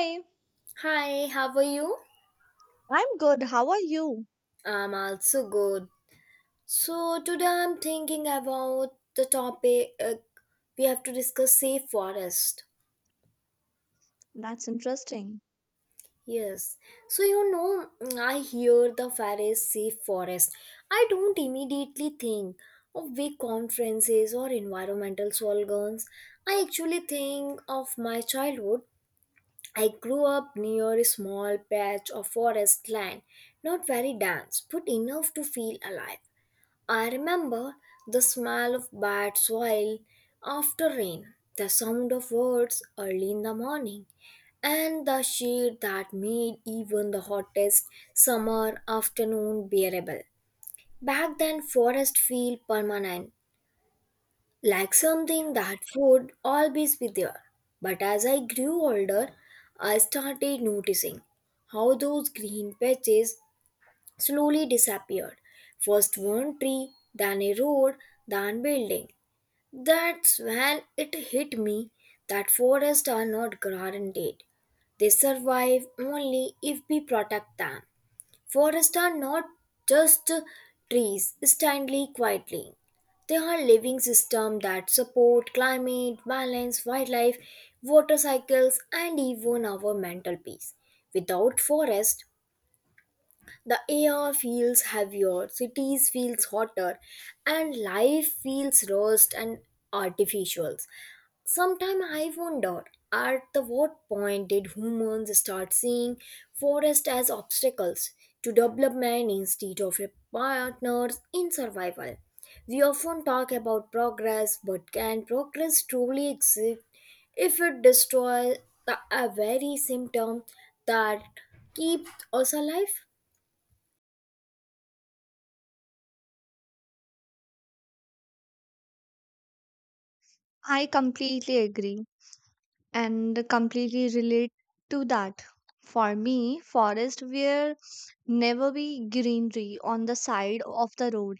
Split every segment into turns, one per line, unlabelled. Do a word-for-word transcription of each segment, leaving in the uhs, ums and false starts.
Hi,
Hi, how are you?
I'm good. How are you?
I'm also good. So, today I'm thinking about the topic uh, we have to discuss safe forest.
That's interesting.
Yes. So, you know, mm, I hear the phrase safe forest. I don't immediately think of big conferences or environmental slogans. I actually think of my childhood. I grew up near a small patch of forest land, not very dense, but enough to feel alive. I remember the smell of bad soil after rain, the sound of words early in the morning, and the shade that made even the hottest summer afternoon bearable. Back then, forest feel permanent, like something that would always be there. But as I grew older, I started noticing how those green patches slowly disappeared. First one tree, then a road, then building. That's when it hit me that forests are not guaranteed. They survive only if we protect them. Forests are not just trees standing quietly. They are living systems that support climate, balance, wildlife, water cycles, and even our mental peace. Without forest, the air feels heavier, cities feels hotter, and life feels rushed and artificial. Sometimes I wonder at the what point did humans start seeing forest as obstacles to development instead of a partners in survival. We often talk about progress, but can progress truly exist if it destroys the a very symptom that keeps us alive?
I completely agree and completely relate to that. For me, forests were never be greenery on the side of the road.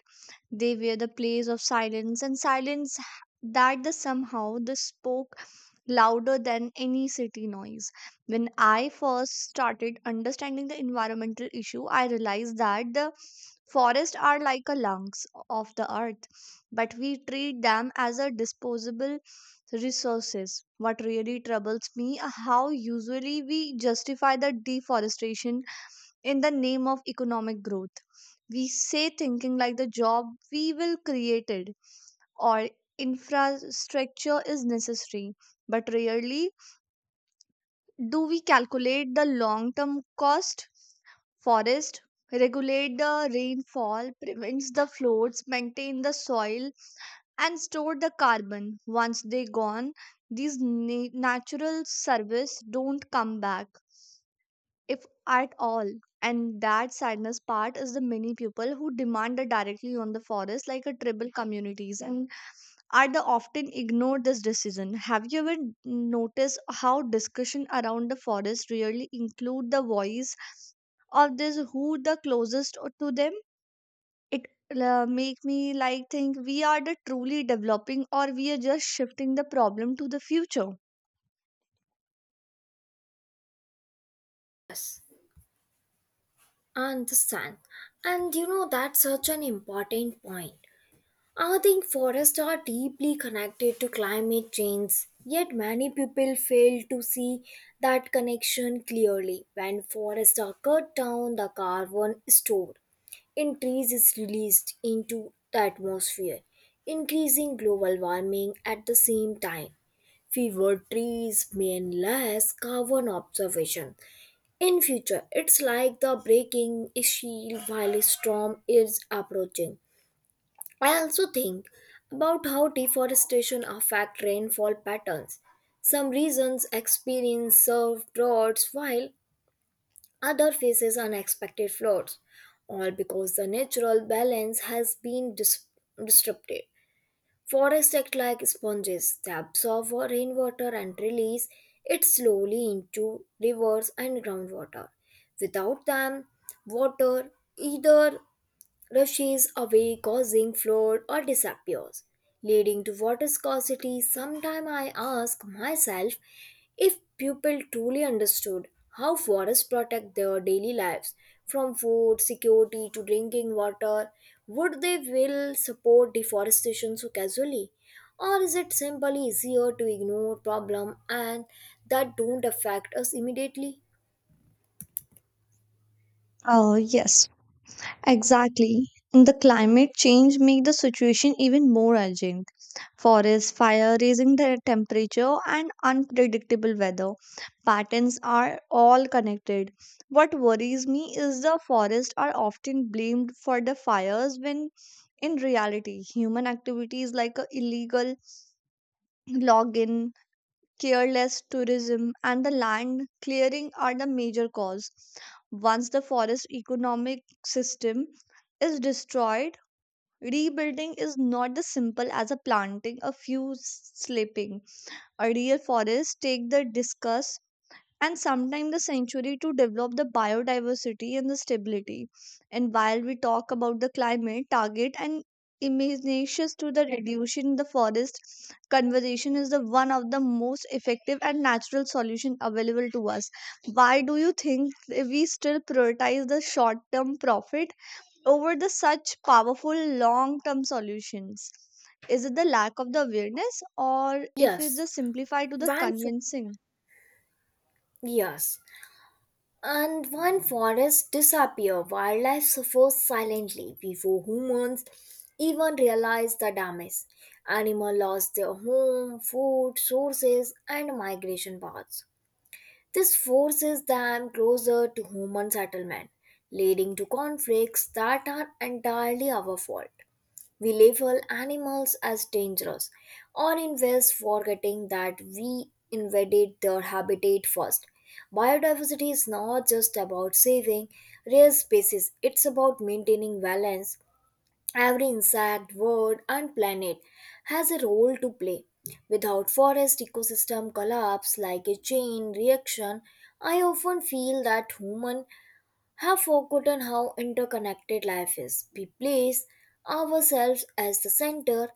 They were the place of silence, and silence h- that the somehow the spoke louder than any city noise. When I first started understanding the environmental issue, I realized that the forests are like a lungs of the earth, but we treat them as a disposable resources. What really troubles me are how usually we justify the deforestation in the name of economic growth. We say thinking like the job we will create it or infrastructure is necessary, but rarely do we calculate the long term cost. Forest regulate the rainfall, prevents the floods, maintain the soil, and store the carbon. Once they gone, these na- natural service don't come back if at all. And that sadness part is the many people who demand it directly on the forest, like a tribal communities, and are the often ignored this decision. Have you ever noticed how discussion around the forest really include the voice of this who the closest o- to them? It uh, make me like think we are the truly developing or we are just shifting the problem to the future.
Yes. I Understand. And you know that's such an important point. I think forests are deeply connected to climate change, yet many people fail to see that connection clearly. When forests are cut down, the carbon stored in trees is released into the atmosphere, increasing global warming at the same time fewer trees mean less carbon observation in future, it's like the breaking shield while a storm is approaching. I also think about how deforestation affect rainfall patterns. Some regions experience severe droughts while other faces unexpected floods, all because the natural balance has been dis- disrupted. Forests act like sponges, they absorb rainwater and release it slowly into rivers and groundwater. Without them, water either rushes away causing flood or disappears leading to water scarcity. Sometime I ask myself if people truly understood how forests protect their daily lives from food security to drinking water, would they will support deforestation so casually, or is it simply easier to ignore problem and that don't affect us immediately?
Oh yes, exactly. And the climate change make the situation even more urgent. Forest fire raising the temperature and unpredictable weather patterns are all connected. What worries me is the forests are often blamed for the fires when in reality human activities like a illegal login, careless tourism and the land clearing are the major cause. Once the forest economic system is destroyed, rebuilding is not as simple as a planting a few s- slipping. A real forest take the discuss and sometimes the century to develop the biodiversity and the stability. And while we talk about the climate target and imaginations to the reduction in the forest, conservation is the one of the most effective and natural solution available to us. Why do you think we still prioritize the short term profit over the such powerful long term solutions? Is it the lack of the awareness or if it's
yes
just simplified to the
when
convincing?
yes And when forests disappear, wildlife suffers silently before humans even realize the damage. Animals lost their home, food sources, and migration paths. This forces them closer to human settlement, leading to conflicts that are entirely our fault. We label animals as dangerous, or in ways forgetting that we invaded their habitat first. Biodiversity is not just about saving rare species, it's about maintaining balance. Every insect, bird, and planet has a role to play. Without forest ecosystem collapse like a chain reaction, I often feel that human have forgotten how interconnected life is. We place ourselves as the center,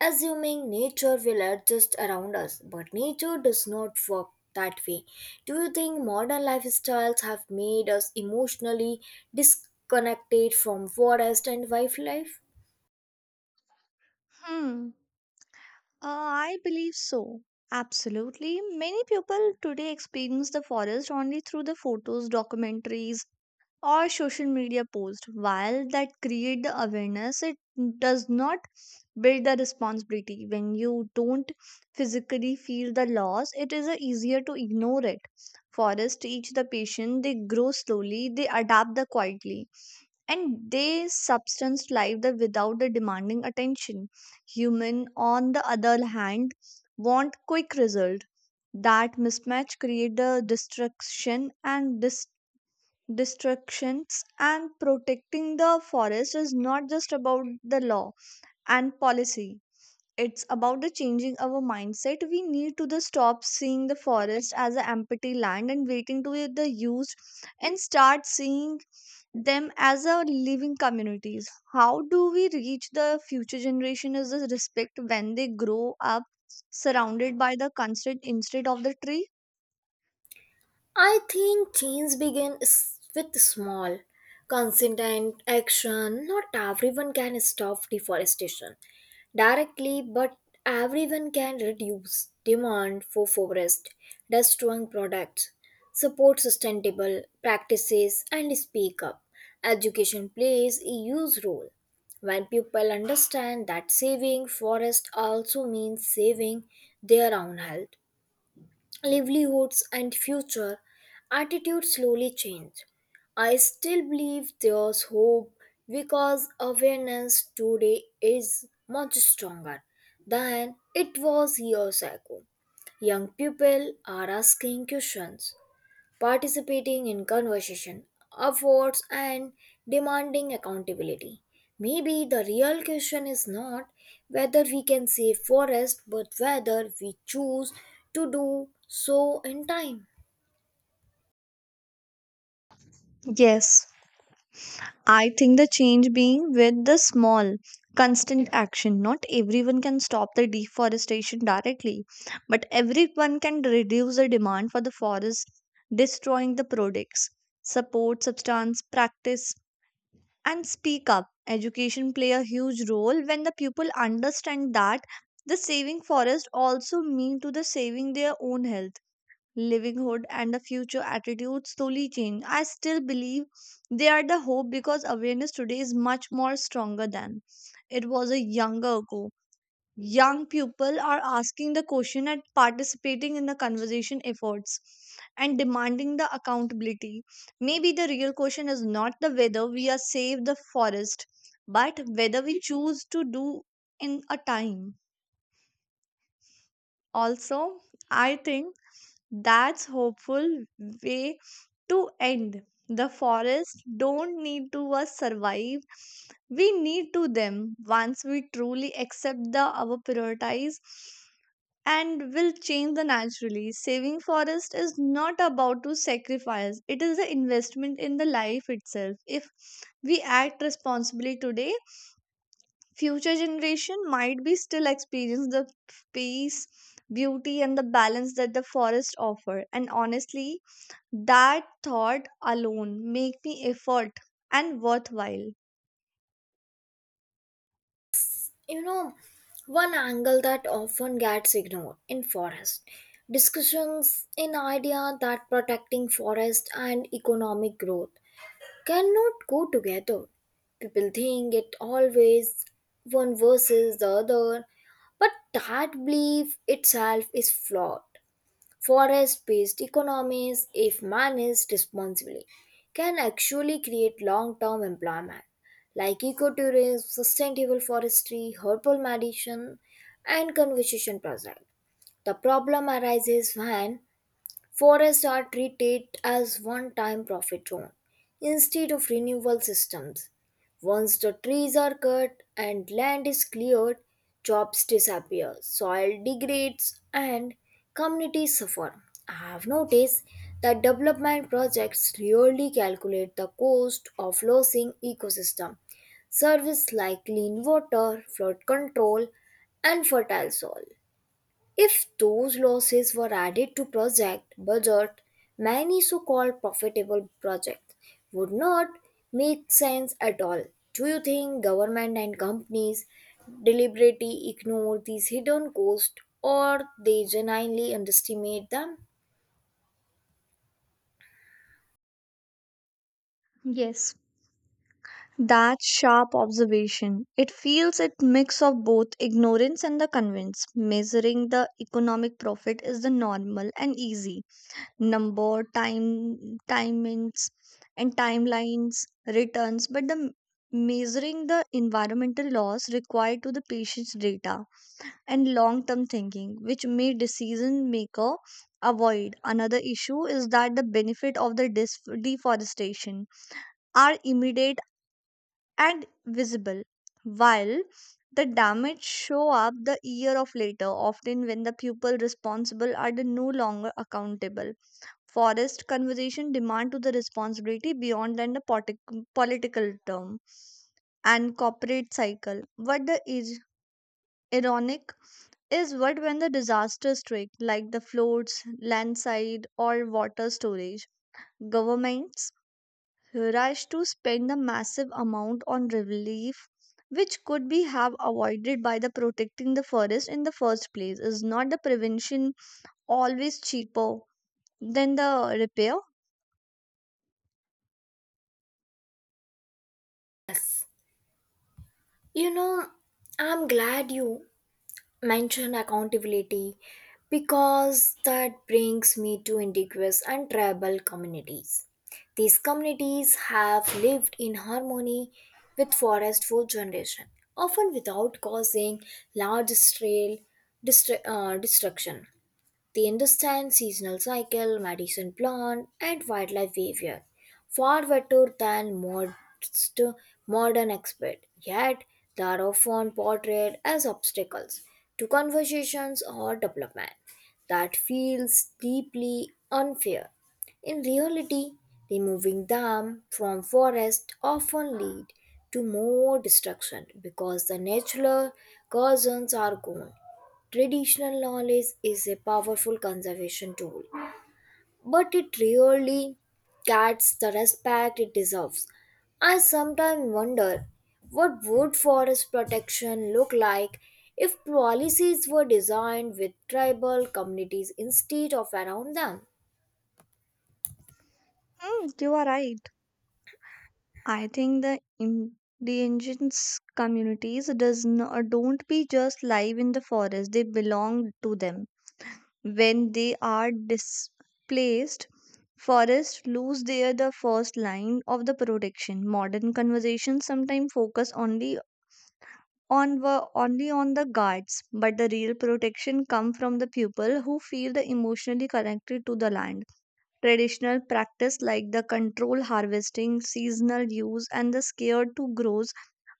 assuming nature will adjust around us, but nature does not work that way. Do you think modern lifestyles have made us emotionally disconnected from forest and wildlife?
Hmm. Uh, I believe so. Absolutely. Many people today experience the forest only through the photos, documentaries, or social media post. While that create the awareness, it does not build the responsibility. When you don't physically feel the loss, it is uh, easier to ignore it. Forests teach the patient, they grow slowly, they adapt the quietly, and they substance life the without the demanding attention. Human on the other hand want quick result. That mismatch create the destruction and dis Destructions. And protecting the forest is not just about the law and policy, it's about the changing our mindset. We need to the stop seeing the forest as an empty land and waiting to be the used, and start seeing them as a living communities. How do we reach the future generation is the respect when they grow up surrounded by the constant instead of the tree?
I think change begins with small, consistent action. Not everyone can stop deforestation directly, but everyone can reduce demand for forest destroying products, support sustainable practices, and speak up. Education plays a huge role. When people understand that saving forest also means saving their own health, livelihoods, and future, attitudes slowly change. I still believe there's hope because awareness today is much stronger than it was years ago. Young people are asking questions participating in conversation, efforts, and demanding accountability. Maybe the real question is not whether we can save forest, but whether we choose to do so in time.
Yes, I think the change being with the small, constant action. Not everyone can stop the deforestation directly, but everyone can reduce the demand for the forest, destroying the products, support substance, practice, and speak up. Education play a huge role when the people understand that the saving forest also mean to the saving their own health, livelihood, and the future attitudes slowly change. I still believe they are the hope because awareness today is much more stronger than it was a younger ago. Young people are asking the question and participating in the conversation efforts and demanding the accountability. Maybe the real question is not the whether we are save the forest, but whether we choose to do in a time. Also, I think that's hopeful way to end. The forest don't need to us survive. We need to them once we truly accept the our prioritize and will change the naturally. Saving forest is not about to sacrifice. It is the investment in the life itself. If we act responsibly today, future generation might be still experience the peace, beauty and the balance that the forest offer, and honestly, that thought alone make me effort and worthwhile.
You know, one angle that often gets ignored in forest discussions in idea that protecting forest and economic growth cannot go together. People think it always one versus the other, but that belief itself is flawed. Forest based economies, if managed responsibly, can actually create long term employment like ecotourism, sustainable forestry, herbal medicine, and conservation projects. The problem arises when forests are treated as one time profit zone instead of renewal systems. Once the trees are cut and land is cleared, jobs disappear, soil degrades, and communities suffer. I have noticed that development projects rarely calculate the cost of losing ecosystem service like clean water, flood control, and fertile soil. If those losses were added to project budget, many so-called profitable projects would not make sense at all. Do you think government and companies deliberately ignore these hidden costs or they genuinely underestimate them?
Yes, that sharp observation, it feels it mix of both ignorance and the convince. Measuring the economic profit is the normal and easy number time, timings and timelines returns, but the m- measuring the environmental loss required to the patient's data and long term thinking which may decision maker avoid. Another issue is that the benefit of the dis- deforestation are immediate and visible, while the damage show up the year of later, often when the people responsible are the no longer accountable. Forest conversation demand to the responsibility beyond than the politic- political term and corporate cycle. What the is ironic is what when the disaster strike like the floods, landslide or water storage, governments rush to spend the massive amount on relief which could be have avoided by the protecting the forest in the first place. Is not the prevention always cheaper than the repair?
You know, I'm glad you mention accountability because that brings me to indigenous and tribal communities. These communities have lived in harmony with forest for generations, often without causing large scale destruction. They understand seasonal cycle, medicine plant, and wildlife behavior far better than most modern experts. Yet, they are often portrayed as obstacles to conversations or development. That feels deeply unfair. In reality, removing them from forest often lead to more destruction because the natural cousins are gone. Traditional knowledge is a powerful conservation tool, but it rarely gets the respect it deserves. I sometimes wonder what would forest protection look like if policies were designed with tribal communities instead of around them.
Hmm, you are right. I think the indigenous communities does not don't be just live in the forest. They belong to them. When they are displaced, forests lose their the first line of the protection. Modern conversations sometimes focus only on wo- only on the guards, but the real protection come from the people who feel the emotionally connected to the land. Traditional practice like the control harvesting, seasonal use, and the scare to grows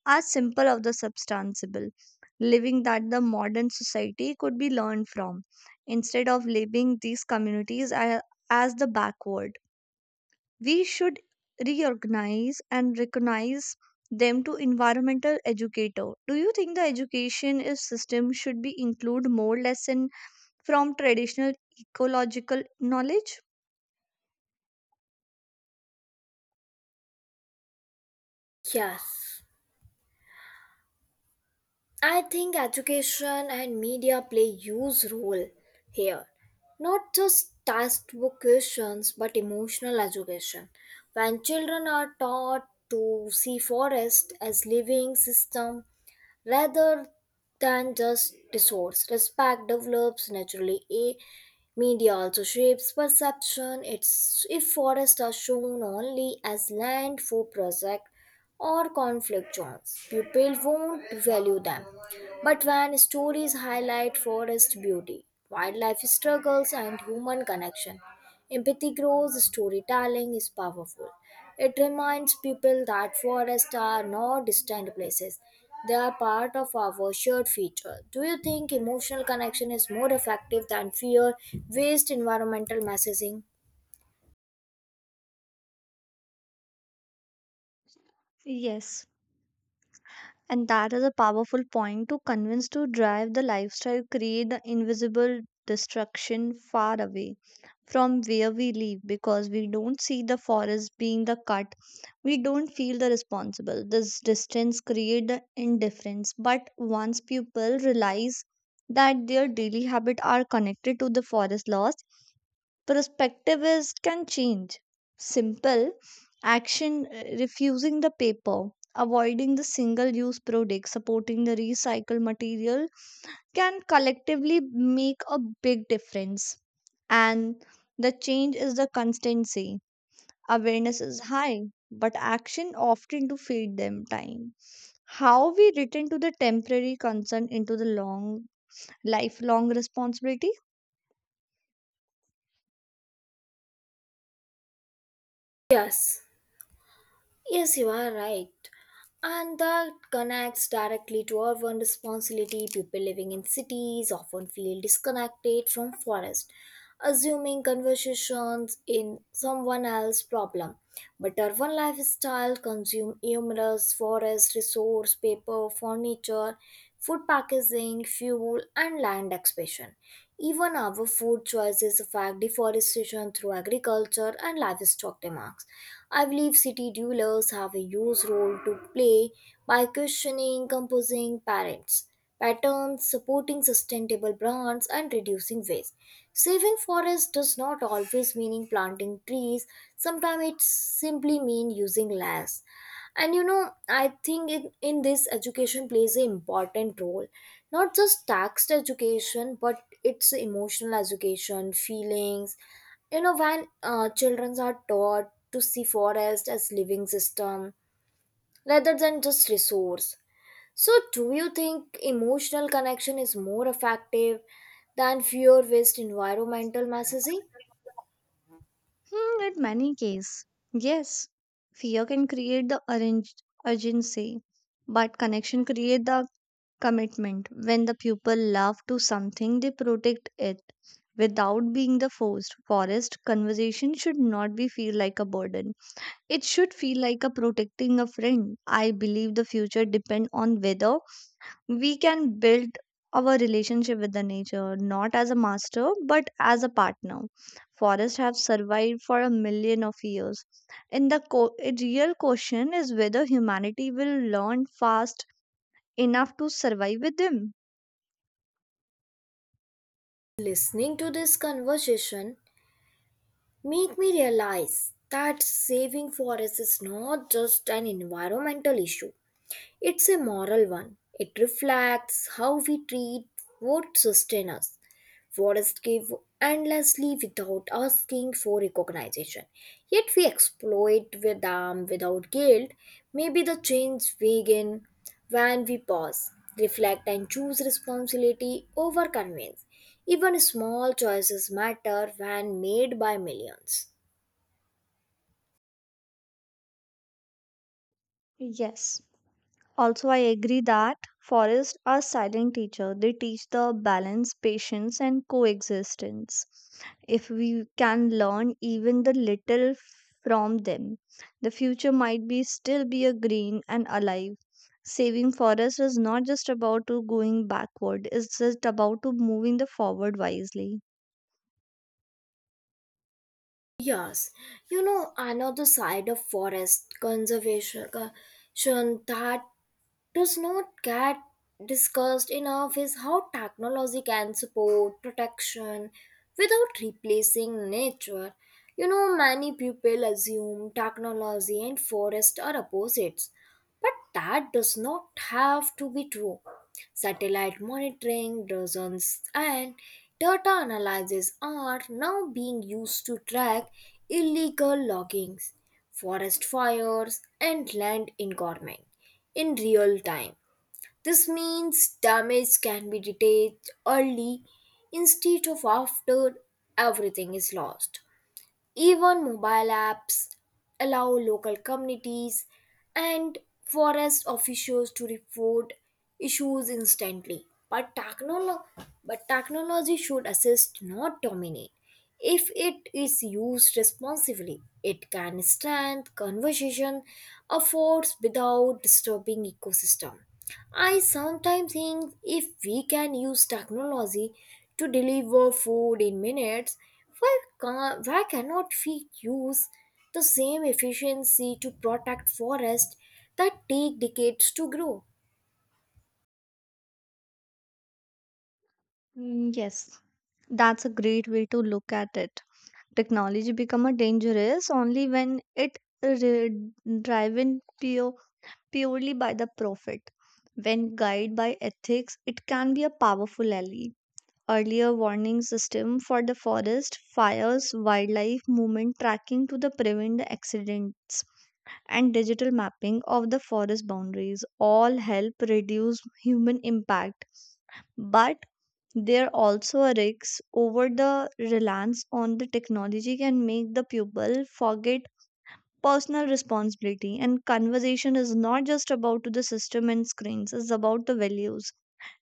are simple of the substantial living that the modern society could be learned from. Instead of labeling these communities a- as the backward, we should reorganize and recognize them to environmental educator. Do you think the education is system should be include more lesson from traditional ecological knowledge?
Yes. I think education and media play huge role here. Not just textbook questions but emotional education. When children are taught to see forest as living system rather than just discourse. Respect develops naturally. A media also shapes perception. It's if forests are shown only as land for project or conflict zones, people won't value them. But when stories highlight forest beauty, wildlife struggles, and human connection, empathy grows, storytelling is powerful. It reminds people that forests are not distant places, they are part of our shared future. Do you think emotional connection is more effective than fear based environmental messaging?
Yes, and that is a powerful point to convince to drive the lifestyle, create the invisible destruction far away from where we live because we don't see the forest being the cut. We don't feel the responsible. This distance create the indifference. But once people realize that their daily habit are connected to the forest loss, perspective is can change. Simple action, uh, refusing the paper, avoiding the single use product, supporting the recycled material can collectively make a big difference. And the change is the constancy. Awareness is high, but action often to feed them time. How we return to the temporary concern into the long lifelong responsibility?
Yes. Yes, you are right. And that connects directly to urban responsibility. People living in cities often feel disconnected from forest, assuming conversations in someone else's problem. But urban lifestyle consume numerous forest resource, paper, furniture, food packaging, fuel, and land expansion. Even our food choices affect deforestation through agriculture and livestock demands. I believe city dwellers have a huge role to play by questioning composing parents, patterns, supporting sustainable brands, and reducing waste. Saving forests does not always mean planting trees. Sometimes it simply means using less. And you know, I think in, in this education plays an important role. Not just text education, but it's emotional education, feelings. You know, when uh, children are taught to see forest as living system rather than just resource, so, do you think emotional connection is more effective than fear based environmental messaging?
Hmm, in many cases, yes, fear can create the arrange- urgency, but connection create the commitment. When the people love to something, they protect it without being the forced. Forest conversation should not be feel like a burden. It should feel like a protecting a friend. I believe the future depend on whether we can build our relationship with the nature not as a master but as a partner. Forests have survived for a million of years. In the co- a real question is whether humanity will learn fast enough to survive with them.
Listening to this conversation make me realize that saving forests is not just an environmental issue. It's a moral one. It reflects how we treat what sustains us, what is give endlessly without asking for recognition. Yet we exploit with them without guilt. Maybe the change begin when we pause, reflect, and choose responsibility over convenience. Even small choices matter when made by millions.
Yes. Also, I agree that forests are silent teacher. They teach the balance, patience, and coexistence. If we can learn even the little from them, the future might be still be a green and alive. Saving forest is not just about to going backward; it's just about to moving the forward wisely.
Yes, you know, another side of forest conservation that does not get discussed enough is how technology can support protection without replacing nature. You know, many people assume technology and forest are opposites, but that does not have to be true. Satellite monitoring, drones, and data analysis are now being used to track illegal loggings, forest fires, and land engorgement in real time. This means damage can be detected early instead of after everything is lost. Even mobile apps allow local communities and forest officials to report issues instantly. But, technolo- but technology should assist, not dominate. If it is used responsibly, it can strengthen conversation efforts without disturbing ecosystem. I sometimes think if we can use technology to deliver food in minutes, why, ca- why cannot we use the same efficiency to protect forests that take decades to grow?
Mm, yes, that's a great way to look at it. Technology become a dangerous only when it re- driven pure, purely by the profit. When guided by ethics, it can be a powerful ally. Earlier warning system for the forest fires, wildlife movement tracking to the prevent the accidents, and digital mapping of the forest boundaries all help reduce human impact. But there also a risk over the reliance on the technology can make the pupil forget personal responsibility, and conversation is not just about to the system and screens, it's about the values.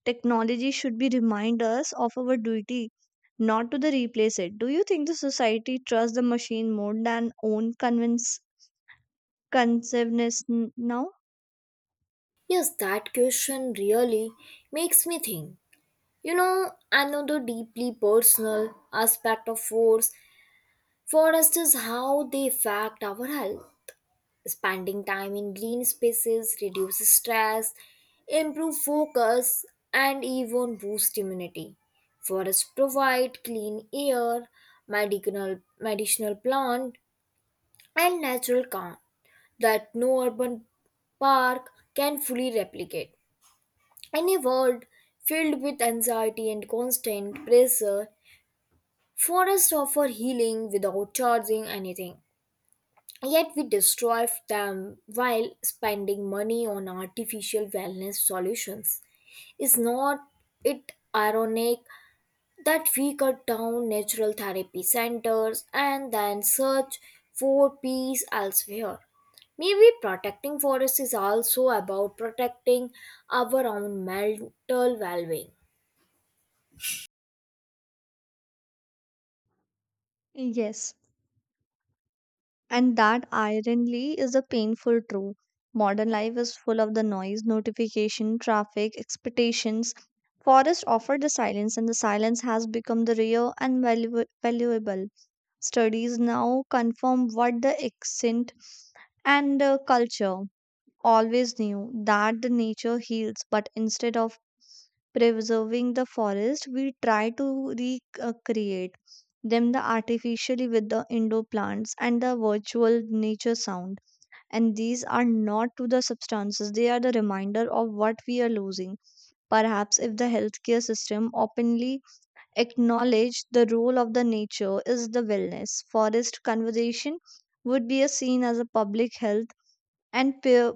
Technology should be remind us of our duty, not to the replace it. Do you think the society trusts the machine more than own convince conceivness n- now?
Yes, that question really makes me think. You know, another deeply personal aspect of force forests is how they affect our health. Spending time in green spaces reduces stress, improve focus, and even boost immunity. Forests provide clean air, medicinal, medicinal plant, and natural calm that no urban park can fully replicate. In a world filled with anxiety and constant pressure, forests offer healing without charging anything. Yet we destroy them while spending money on artificial wellness solutions. Is not it ironic that we cut down natural therapy centers and then search for peace elsewhere? Maybe protecting forests is also about protecting our own mental well being.
Yes. And that ironically, is a painful truth. Modern life is full of the noise, notification, traffic, expectations. Forest offered the silence, and the silence has become the rare and valu- valuable. Studies now confirm what the accent and uh, culture always knew that the nature heals, but instead of preserving the forest, we try to recreate them the artificially with the indoor plants and the virtual nature sound. And these are not to the substances, they are the reminder of what we are losing. Perhaps if the healthcare system openly acknowledged the role of the nature is the wellness, forest conservation would be a seen as a public health and pure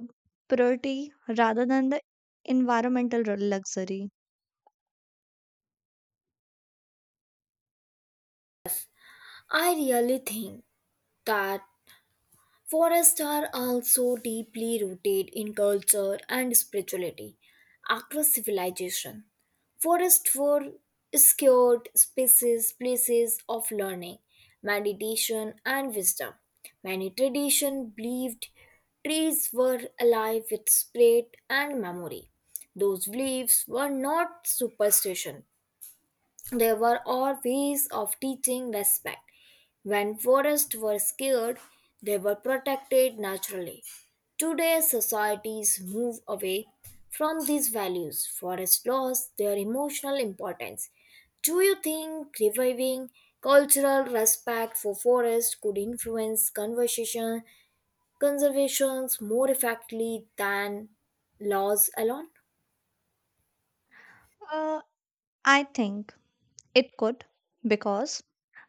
purity rather than the environmental r- luxury?
I really think that forests are also deeply rooted in culture and spirituality across civilization. Forests were sacred spaces, places of learning, meditation, and wisdom. Many traditions believed trees were alive with spirit and memory. Those beliefs were not superstition there were all ways of teaching respect. When forests were scared, they were protected naturally. Today, societies move away from these values. Forests lost their emotional importance. Do you think reviving cultural respect for forests could influence conversation conservations more effectively than laws alone?
Uh, I think it could, because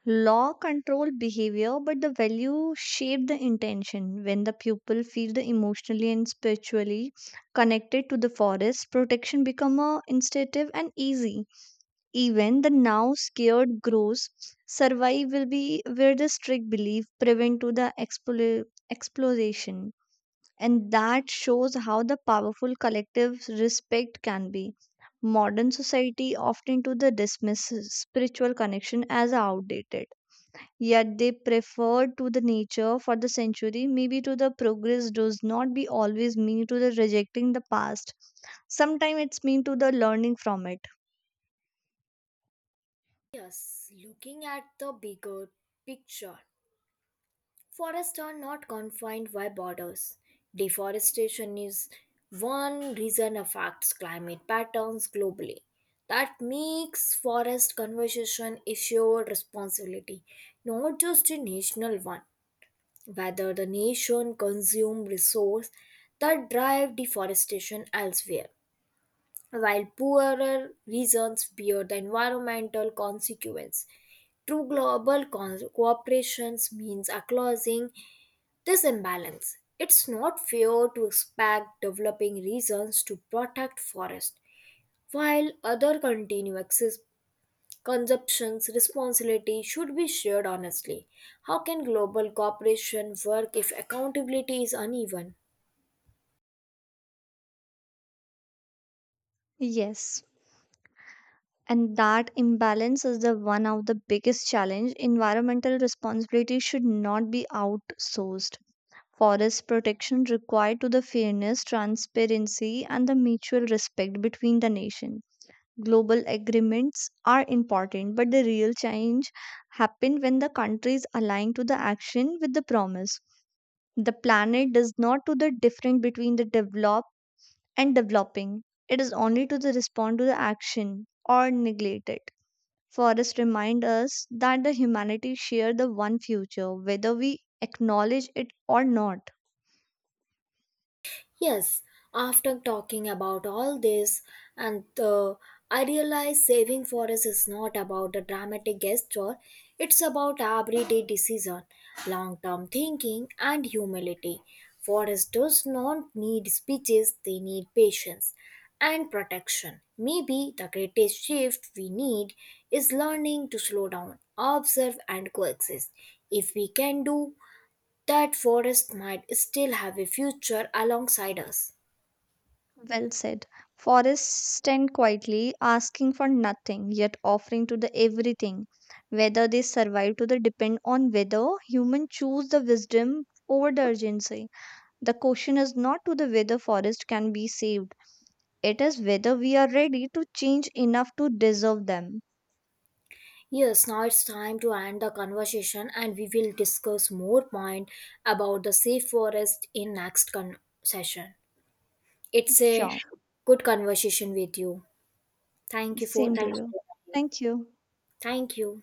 law control behavior but the value shape the intention. When the pupil feel the emotionally and spiritually connected to the forest, protection become a instinctive and easy. Even the now scared grows survive will be where the strict belief prevent to the explo- exploration, and that shows how the powerful collective respect can be. Modern society often to the dismiss spiritual connection as outdated, yet they prefer to the nature for the century. Maybe to the progress does not be always mean to the rejecting the past. Sometimes it's mean to the learning from it.
Thus, looking at the bigger picture, forests are not confined by borders. Deforestation is one reason affects climate patterns globally. That makes forest conservation a shared responsibility, not just a national one. Whether the nation consume resource that drive deforestation elsewhere, while poorer regions bear the environmental consequence. True global co- cooperation means acknowledging this imbalance. It's not fair to expect developing regions to protect forests, while other continue access consumption's responsibility should be shared honestly. How can global cooperation work if accountability is uneven?
Yes. And that imbalance is the one of the biggest challenge. Environmental responsibility should not be outsourced. Forest protection required to the fairness, transparency, and the mutual respect between the nation. Global agreements are important, but the real change happen when the countries align to the action with the promise. The planet does not to the difference between the developed and developing. It is only to the respond to the action or neglect it. Forests remind us that the humanity share the one future, whether we acknowledge it or not.
Yes, after talking about all this, and uh, I realize saving for us is not about a dramatic gesture, it's about everyday decision, long term thinking, and humility. Forests does not need speeches, they need patience and protection. Maybe the greatest shift we need is learning to slow down, observe, and coexist. If we can do that forest might still have a future alongside us.
Well said. Forests stand quietly, asking for nothing, yet offering to the everything. Whether they survive to the depend on whether humans choose the wisdom over the urgency. The question is not to the whether forest can be saved. It is whether we are ready to change enough to deserve them.
Yes, now it's time to end the conversation and we will discuss more point about the safe forest in next con- session. It's a
Sure.
good conversation with you. Thank you for
Same to
thanks for
you.
your time.
Thank you.
Thank you.